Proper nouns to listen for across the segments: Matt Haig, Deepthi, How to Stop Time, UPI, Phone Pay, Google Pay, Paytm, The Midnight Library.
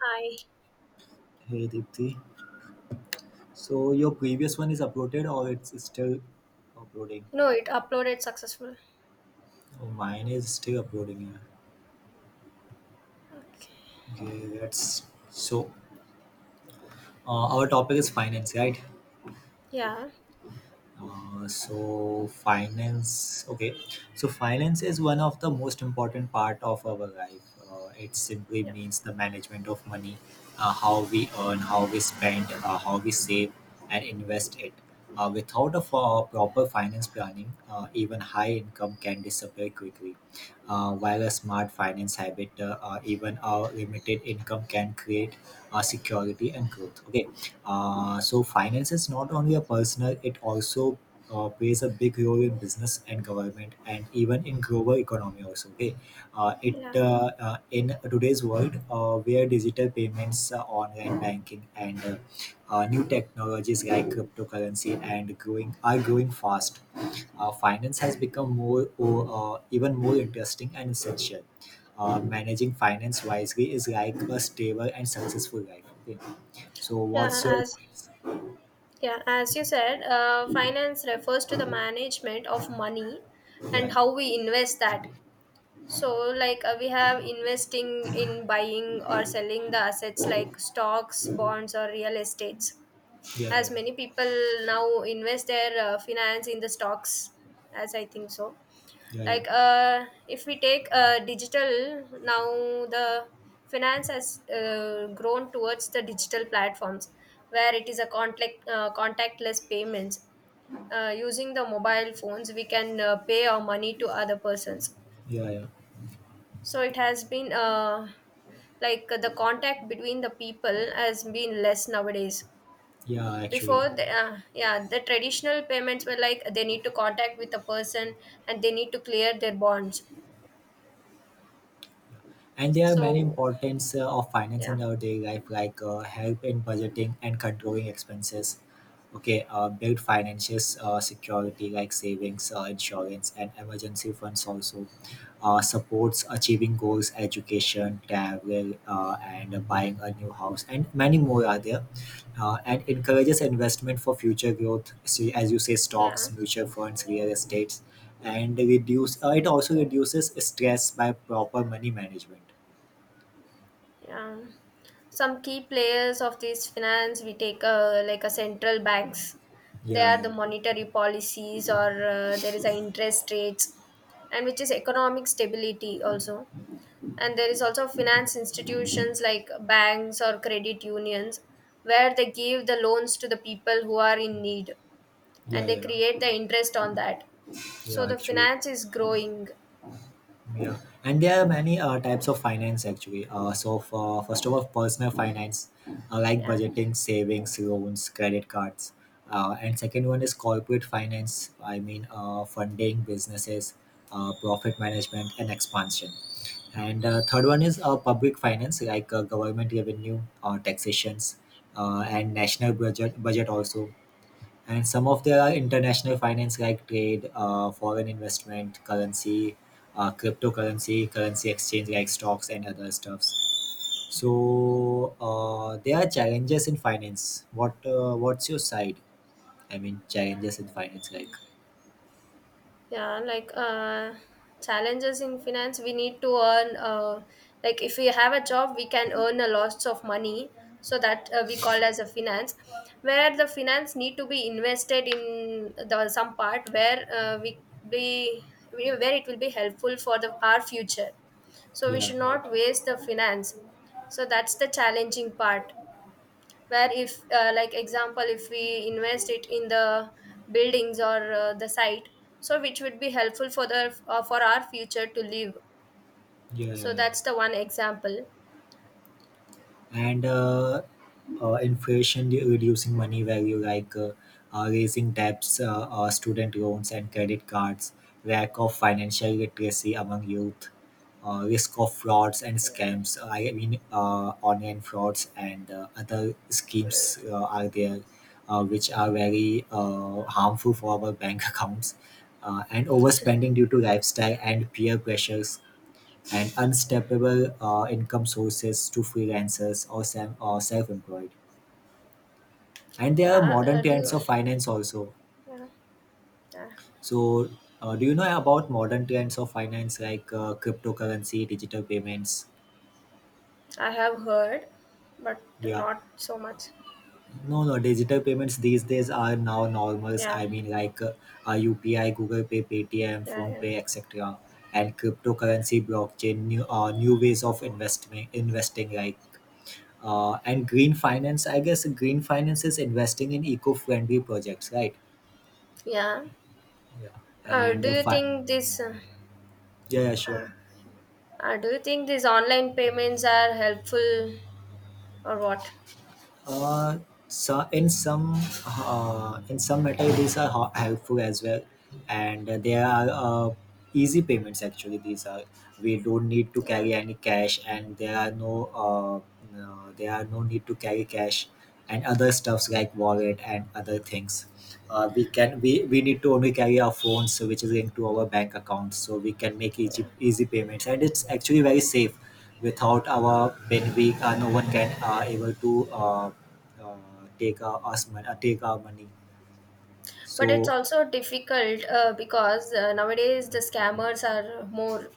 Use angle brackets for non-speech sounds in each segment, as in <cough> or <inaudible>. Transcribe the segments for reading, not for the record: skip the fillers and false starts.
Hi. Hey Deepthi, so your previous one is uploaded or it's still uploading? No, it uploaded successful. Oh, mine is still uploading. Yeah. Okay. Okay, that's so. Our topic is finance, right? Yeah. Uh, so finance okay so finance is one of the most important part of our life, it simply Yeah. means the management of money, how we earn, how we spend, how we save and invest it. Without a proper finance planning, even high income can disappear quickly, while a smart finance habit, even our limited income can create security and growth. Okay. So finance is not only a personal; it also plays a big role in business and government, and even in global economy also. Okay. It Yeah. In today's world where digital payments, online banking, and new technologies like cryptocurrency and growing are growing fast. Finance has become more, oh, even more interesting and essential. Managing finance wisely is like a stable and successful life. Okay? So Yeah. what's your As points? yeah, as you said, finance refers to the management of money and Yeah, how we invest that. So, like we have investing in buying or selling the assets like stocks, bonds, or real estates. yeah, yeah, As yeah, many people now invest their finance in the stocks, as I think so, yeah, yeah, like if we take digital now the finance has grown towards the digital platforms where it is a contactless payments using the mobile phones we can pay our money to other persons, yeah, yeah. so it has been like the contact between the people has been less nowadays. Yeah, actually, Before the traditional payments were like they need to contact with a person and they need to clear their bonds, and there are many so. importance of finance Yeah, in our daily life, like help in budgeting and controlling expenses. Okay, build financial security like savings, insurance, and emergency funds also, supports achieving goals, education, travel, and buying a new house, and many more are there. And encourages investment for future growth, so as you say, yeah, stocks, mutual funds, real estates, and reduce. It also reduces stress by proper money management. yeah. Some key players of this finance we take, like a central banks. They Yeah, are the yeah, monetary policies, or there is a interest rates, and which is economic stability also. And there is also finance institutions like banks or credit unions, where they give the loans to the people who are in need, yeah, and they create yeah, the interest on that. So yeah. the Actually. finance is growing. Yeah, and there are many types of finance actually. So for first of all, personal finance, like Yeah. budgeting, savings, loans, credit cards, and second one is corporate finance. I mean, funding businesses, profit management, and expansion. And third one is public finance, like government revenue, taxations, and national budget also. And some of there are international finance like trade, foreign investment, currency, cryptocurrency, currency exchange like stocks and other stuffs. So there are challenges in finance. What's your side? I mean, challenges in finance like Yeah, like challenges in finance, we need to earn. Like if we have a job, we can earn a lots of money. So that we call as a finance, where the finance need to be invested in the some part where we be where it will be helpful for the our future. So we yeah, should right. not waste the finance. So that's the challenging part where if like example if we invest it in the buildings or the site, so which would be helpful for the for our future to live, Yeah, so yeah, yeah. that's the one example. and Inflation reducing money value, like raising debts, student loans and credit cards, lack of financial literacy among youth, risk of frauds and Yeah, scams. I mean, online frauds and other schemes are there, which are very harmful for our bank <laughs> accounts. And overspending due to lifestyle and peer pressures, and unsteppable income sources to freelancers, or or self-employed. And there are yeah, modern trends of finance also. yeah, yeah. So, do you know about modern trends of finance like cryptocurrency, digital payments? I have heard, but Yeah, not so much. no, no, digital payments these days are now normals. Yeah, I mean, like UPI, Google Pay, Paytm, yeah, Phone yeah, Pay, etc. And yeah, cryptocurrency, blockchain, new ways of investment, investing like. And green finance, I guess green finance is investing in eco-friendly projects, right? yeah. Yeah. Uh, And do uh, you fi- think this uh, yeah, yeah, sure. uh, do you think these online payments are helpful or what? Uh, so in some matter these are helpful as well, and they are easy payments actually. These are we don't need to Yeah, carry any cash, and there are no there are no need to carry cash and other stuffs like wallet and other things. We can we need to only carry our phones so which is linked to our bank accounts so we can make yeah. easy payments, and it's actually very safe. Without our Benfica, no one can able to uh, take take our money. But it's So also difficult because nowadays the scammers are more,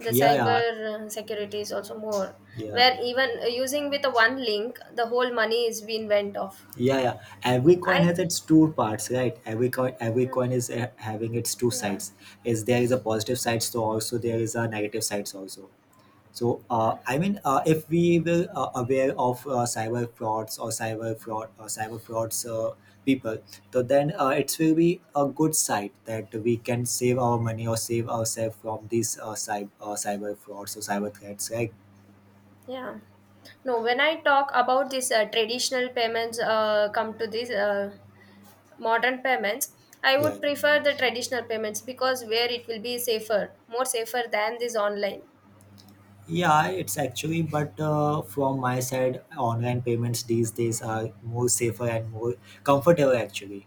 the yeah, yeah, cyber security is also more, yeah, where even using with a one link the whole money is being went off. yeah, yeah. Every coin I has its two parts, right? Every coin, every uh, coin is having its two yeah, sides. Is There is a positive side, so also there is a negative sides also. So, I mean, if we will aware of cyber frauds, or cyber frauds people, so then it will be a good side that we can save our money or save ourselves from these cyber frauds or cyber threats, right? yeah. No, when I talk about this traditional payments come to this modern payments, I Yeah, would prefer the traditional payments because where it will be safer, more safer than this online. yeah, it's actually. But from my side, online payments these days are more safer and more comfortable actually.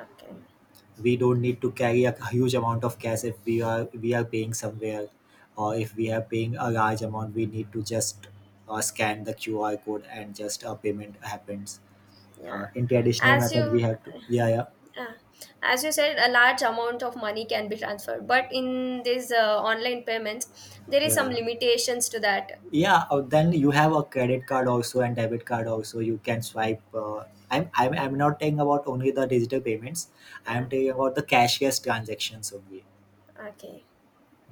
Okay. We don't need to carry a huge amount of cash. If we are paying somewhere, or if we are paying a large amount, we need to just scan the QR code and just a payment happens. Yeah, In traditional as method you we have to, yeah, yeah, uh, as you said, a large amount of money can be transferred, but in these online payments, there is yeah, some yeah. limitations to that. Yeah, then you have a credit card also and debit card also you can swipe. I'm not talking about only the digital payments. I'm Yeah. talking about the cashless transactions only. Okay.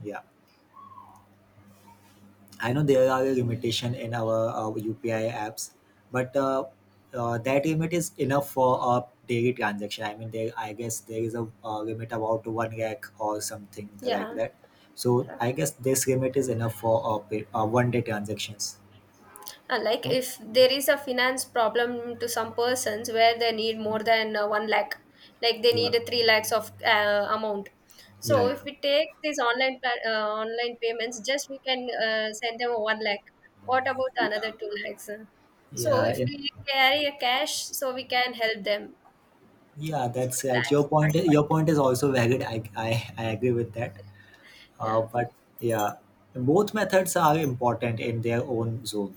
Yeah. I know there are a limitation in our UPI apps, but that limit is enough for a daily transaction. I mean, there I guess there is a limit about 1 lakh or something like Yeah. that. So Yeah. I guess this limit is enough for one day transactions. Like Yeah, if there is a finance problem to some persons where they need more than 1 lakh, like they need yeah, a 3 lakhs of amount. So yeah, if we take these online payments, just we can send them a 1 lakh. What about another yeah, 2 lakhs, so yeah. if we carry a cash, so we can help them, Yeah, so that's right. Your that's my point. Your point. point is also valid. I agree with that. Yeah, But yeah, both methods are important in their own zone.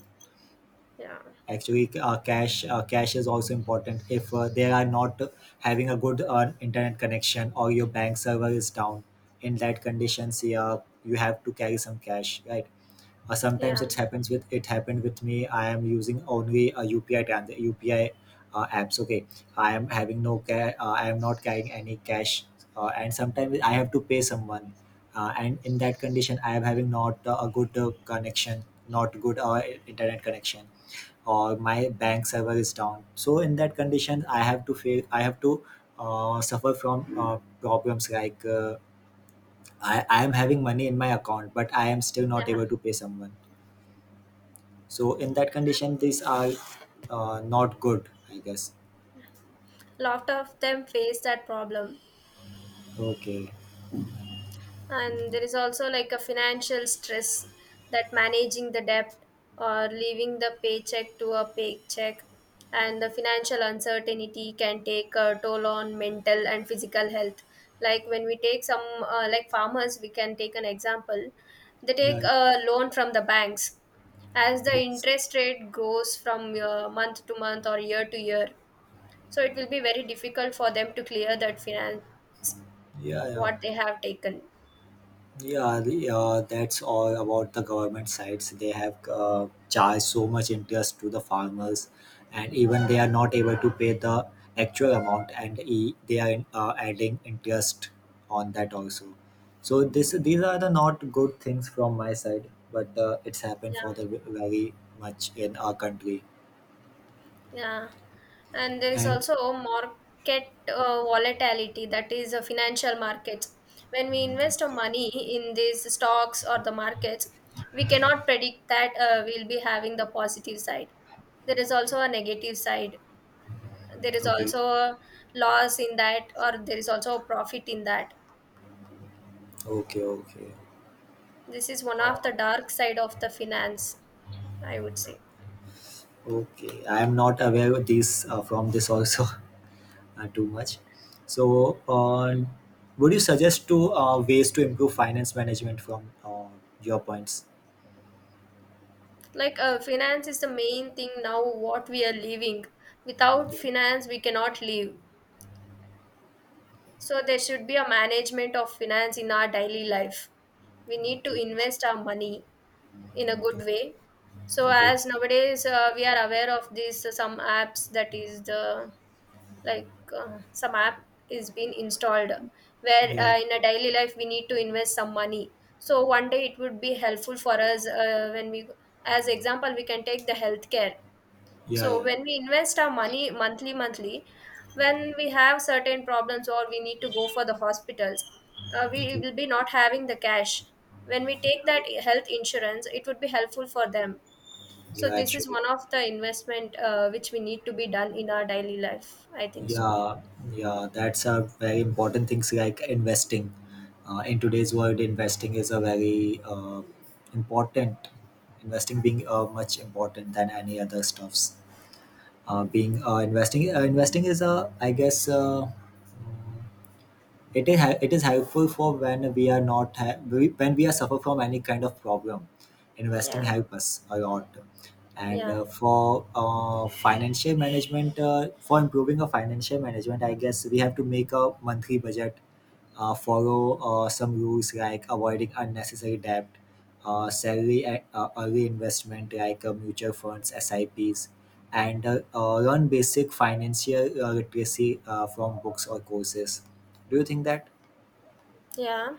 yeah, Actually cash is also important if they are not having a good internet connection, or your bank server is down. In that conditions, yeah, you have to carry some cash, right. Sometimes yeah, it happens with, it happened with me. I am using only a UPI apps. Okay. I am having no ca- I am not carrying any cash, and sometimes I have to pay someone, and in that condition I am having not a good connection, not good internet connection, or my bank server is down. So in that condition, I have to suffer from problems, like I am having money in my account but I am still not yeah. able to pay someone. So in that condition, these are not good, I guess. Lot of them face that problem. Okay. And there is also like a financial stress, that managing the debt or leaving the paycheck to a paycheck, and the financial uncertainty can take a toll on mental and physical health. Like when we take some, like farmers we can take an example, they take Yeah. a loan from the banks, as the it's- interest rate grows from month to month or year to year, so it will be very difficult for them to clear that finance Yeah. Yeah. what they have taken. Yeah. That's all about the government sides. They have charged so much interest to the farmers, and even they are not able to pay the actual amount, and they are adding interest on that also. So this these are the not good things from my side, but it's happened Yeah. for the very much in our country. Yeah, and there is And also market volatility, that is financial markets. When we invest our money in these stocks or the markets, we cannot predict that we'll be having the positive side. There is also a negative side. There is okay. also a loss in that, or there is also a profit in that. Okay, okay. This is one of Uh, the dark side of the finance, I would say. Okay, I am not aware of this from this also <laughs> too much. So, would you suggest two ways to improve finance management from your points? Like finance is the main thing now what we are living. Without Yeah. finance we cannot live, so there should be a management of finance in our daily life. We need to Okay. invest our money in a good way. So Okay. as nowadays we are aware of this, some apps, that is the, like some app is being installed, where Yeah. In a daily life we need to invest some money, so one day it would be helpful for us when we, as example we can take the healthcare. Yeah. So Yeah. when we invest our money monthly, monthly, when we have certain problems or we need to go for the hospitals, we Okay. will be not having the cash. When we take that health insurance, it would be helpful for them. So Yeah. this is Actually. one of the investment which we need to be done in our daily life, I think so. Yeah. Yeah. That's a very important things, like investing. In today's world, investing is a very important. Investing being much important than any other stuffs, being investing investing is a, I guess, it is helpful for when we are not when we are suffer from any kind of problem, investing Yeah, help us a lot. And yeah. for financial management, for improving our financial management, I guess we have to make a monthly budget, follow some rules like avoiding unnecessary debt, salary and early investment like mutual funds sips, and learn basic financial literacy from books or courses. Do you think that? Yeah.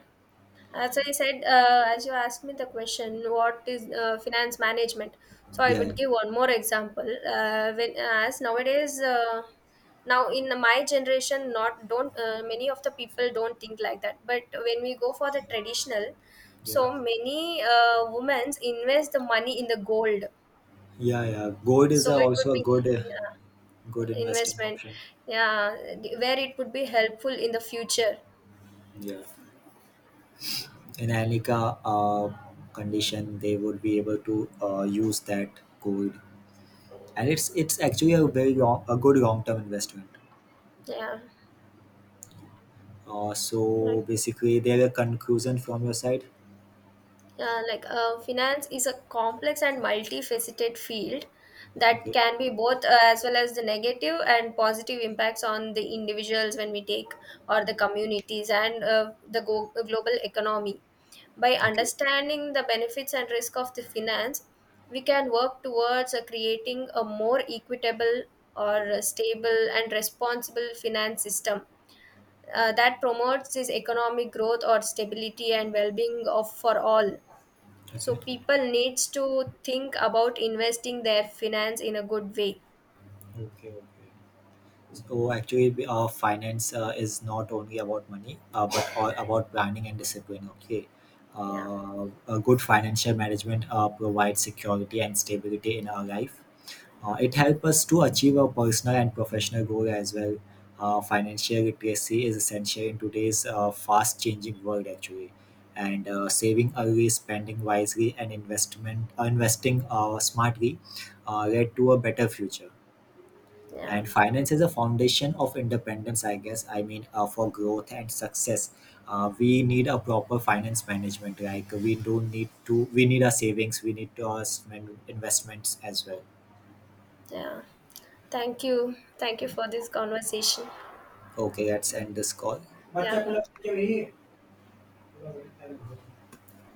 As I said, as you asked me the question, what is finance management? So I Yeah, yeah, would give one more example. When as nowadays, now in my generation, not don't many of the people don't think like that. But when we go for the traditional, yeah, so many women invest the money in the gold. yeah, yeah. Gold is So it would also a be, good yeah, investing investment, option. yeah, where it would be helpful in the future. Yeah. In any condition, they would be able to use that gold, and it's actually a very long, a good long term investment. Yeah. Like, So basically, there a conclusion from your side. yeah, like finance is a complex and multifaceted field that Okay, can be both as well as the negative and positive impacts on the individuals when we take, or the communities, and global economy. By okay, understanding the benefits and risk of the finance, we can work towards creating a more equitable or stable and responsible finance system that promotes this economic growth or stability and well-being of for all. So okay, people needs to think about investing their finance in a good way. okay, okay. So actually, finance is not only about money, but all about planning and discipline. Okay, Yeah, a good financial management provides security and stability in our life. It helps us to achieve our personal and professional goal as well. Financial literacy is essential in today's fast-changing world, actually. And saving early, spending wisely, and investment investing smartly led to a better future. yeah, And finance is a foundation of independence, I guess. I mean, for growth and success, we need a proper finance management. Like we don't need to. We need our savings. We need to our investments as well. yeah. Thank you. Thank you for this conversation. Okay, let's end this call. Yeah.